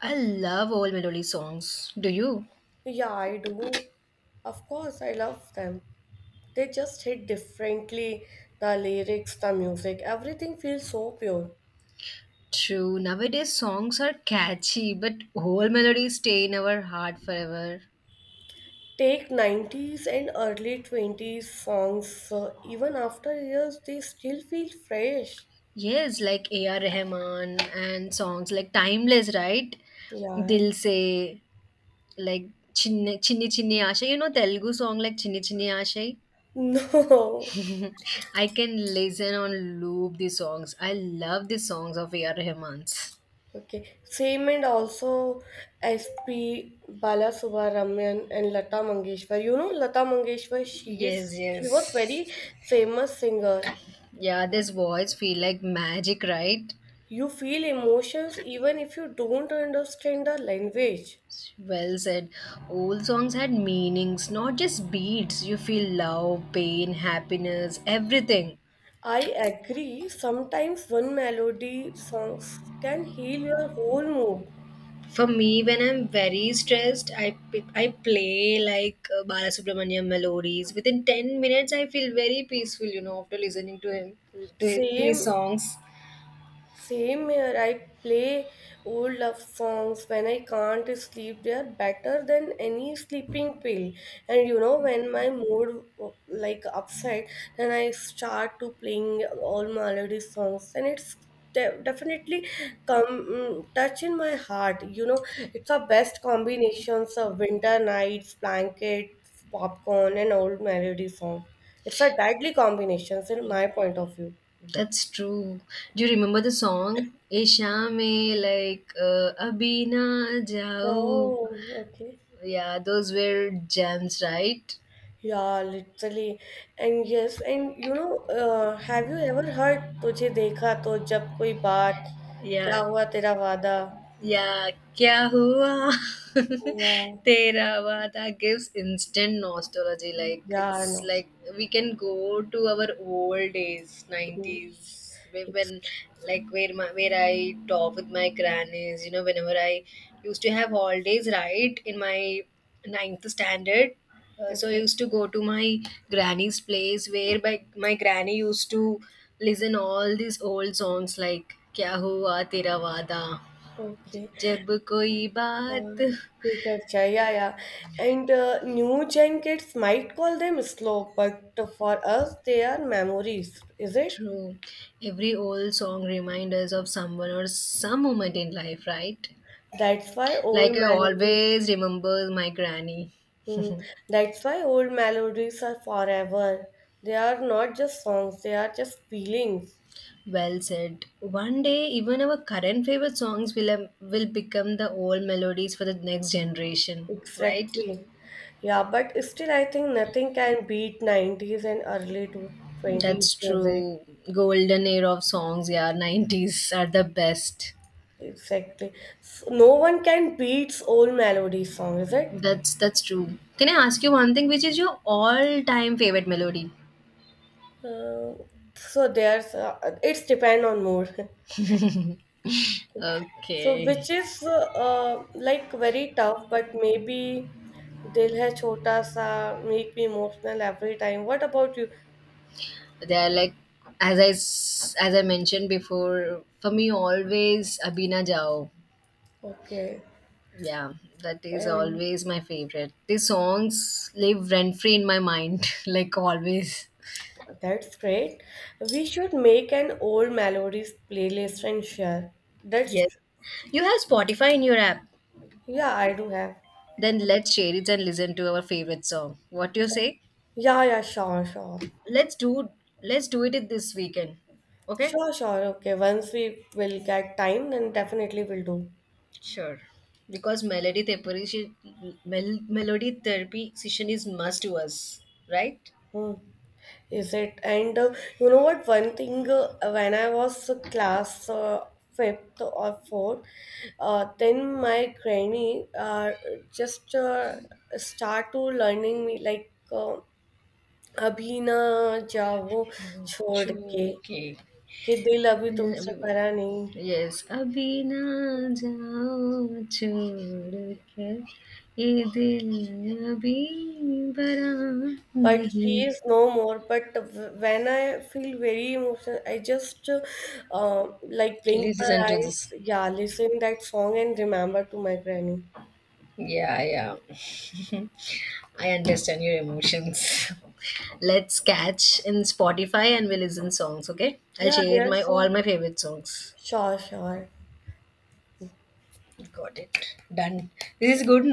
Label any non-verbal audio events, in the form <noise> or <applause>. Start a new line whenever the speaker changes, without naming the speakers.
I love old melody songs. Do you?
Yeah, I do. Of course, I love them. They just hit differently. The lyrics, the music, everything feels so pure.
True. Nowadays songs are catchy, but old melodies stay in our heart forever.
Take 90s and early 20s songs, even after years, they still feel fresh.
Yes, like A.R. Rahman and songs like Timeless, right?
Yeah. <laughs>
Dil Se, like Chinni Chinni Aasha. You know Telugu song like Chinni Chinni Aasha?
No.
I can listen on loop these songs. I love these songs of A.R. Rahman's.
Okay. Same and also SP Balasubramanian and Lata Mangeshwar. You know Lata Mangeshwar,
Yes,
she
yes.
was very famous singer.
Yeah, this voice feel like magic, right?
You feel emotions even if you don't understand the language.
Well said. Old songs had meanings, not just beats. You feel love, pain, happiness, everything.
I agree, sometimes one melody songs can heal your whole mood.
For me, when I'm very stressed, I play like Balasubramanian melodies. Within 10 minutes, I feel very peaceful. After listening to him, to his
Same
songs.
Same here, I play old love songs when I can't sleep. They are better than any sleeping pill. And you know, when my mood like upset, then I start to playing all melody songs, and it's definitely come, touch in my heart. You know, it's our best combinations of winter nights, blankets, popcorn, and old melody song. It's a deadly combinations in my point of view.
That's true. Do you remember the song? Isha me like Abhi na jao.
Oh, okay.
Yeah, those were gems, right?
Yeah, literally. And yes, and you know, have you ever heard तुझे देखा तो जब कोई बात क्या
Yeah,
हुआ तेरा वादा
या क्या हुआ
या
तेरा <laughs> वादा gives instant nostalgia, like
yeah
it's
no
like we can go to our old days, 90s, when like where I talk with my grannies, whenever I used to have holidays, right, in my ninth standard. So I
okay
used to go to my granny's place, where my granny used to listen all these old songs like क्या हुआ तेरा वादा
okay
जब कोई बात.
quicker chai, yeah, yeah, and new gen kids might call them slow, but for us they are memories, is it,
True. Every old song reminds us of someone or some moment in life, right?
that's why old
Like I
melodies.
always remember my granny.
Hmm. That's why old melodies are forever. They are not just songs, they are just feelings.
Well said. One day, even our current favorite songs will become the old melodies for the next generation, right?
Exactly. Yeah, but still, I think nothing can beat 90s and early to 20s
That's
music.
true. Golden era of songs, yeah. 90s are the best.
Exactly. So no one can beat old melody song, is it?
That's true. Can I ask you one thing? Which is your all time favorite melody?
Uh, so there's it's depend on mood. <laughs> So,
Okay.
which is like very tough, but maybe Dil Hai Chota Sa make me emotional every time. What about you?
They're like, as I mentioned before, for me always Abina Jao.
Okay,
Yeah, that is
and
always my favorite. These songs live rent free in my mind, <laughs> like always.
that's great. We should make an old melodies playlist and share.
Yes.
That's
You have Spotify in your app.
yeah, I do have.
Then let's share it and listen to our favorite song. What do you say?
Yeah, yeah, sure, sure.
Let's do let's do it this weekend. Okay?
Sure, sure. Okay, once we will get time, then definitely we'll do.
Sure. Because melody therapy, melody therapy session is must to us, right?
Hmm. Is it? And you know what? One thing when I was class fifth or fourth, then my granny just start to learning me like अभी ना जाओ छोड़ के
Churke.
कि दिल अभी
Yeah,
तुमसे भरा नहीं,
yes, अभी ना जाओ छोड़ कर ये दिल अभी भरा
but she
नहीं.
is no more, but when I feel very emotional I just uh, like blink my
Listen to
eyes,
this.
yeah, listen that song and remember to my granny.
Yeah, yeah. I understand your emotions. <laughs> Let's catch in Spotify and we listen songs. Okay, I'll
Yeah,
share my
there's so
all my favorite songs.
sure, sure.
Got it. Done. This is good.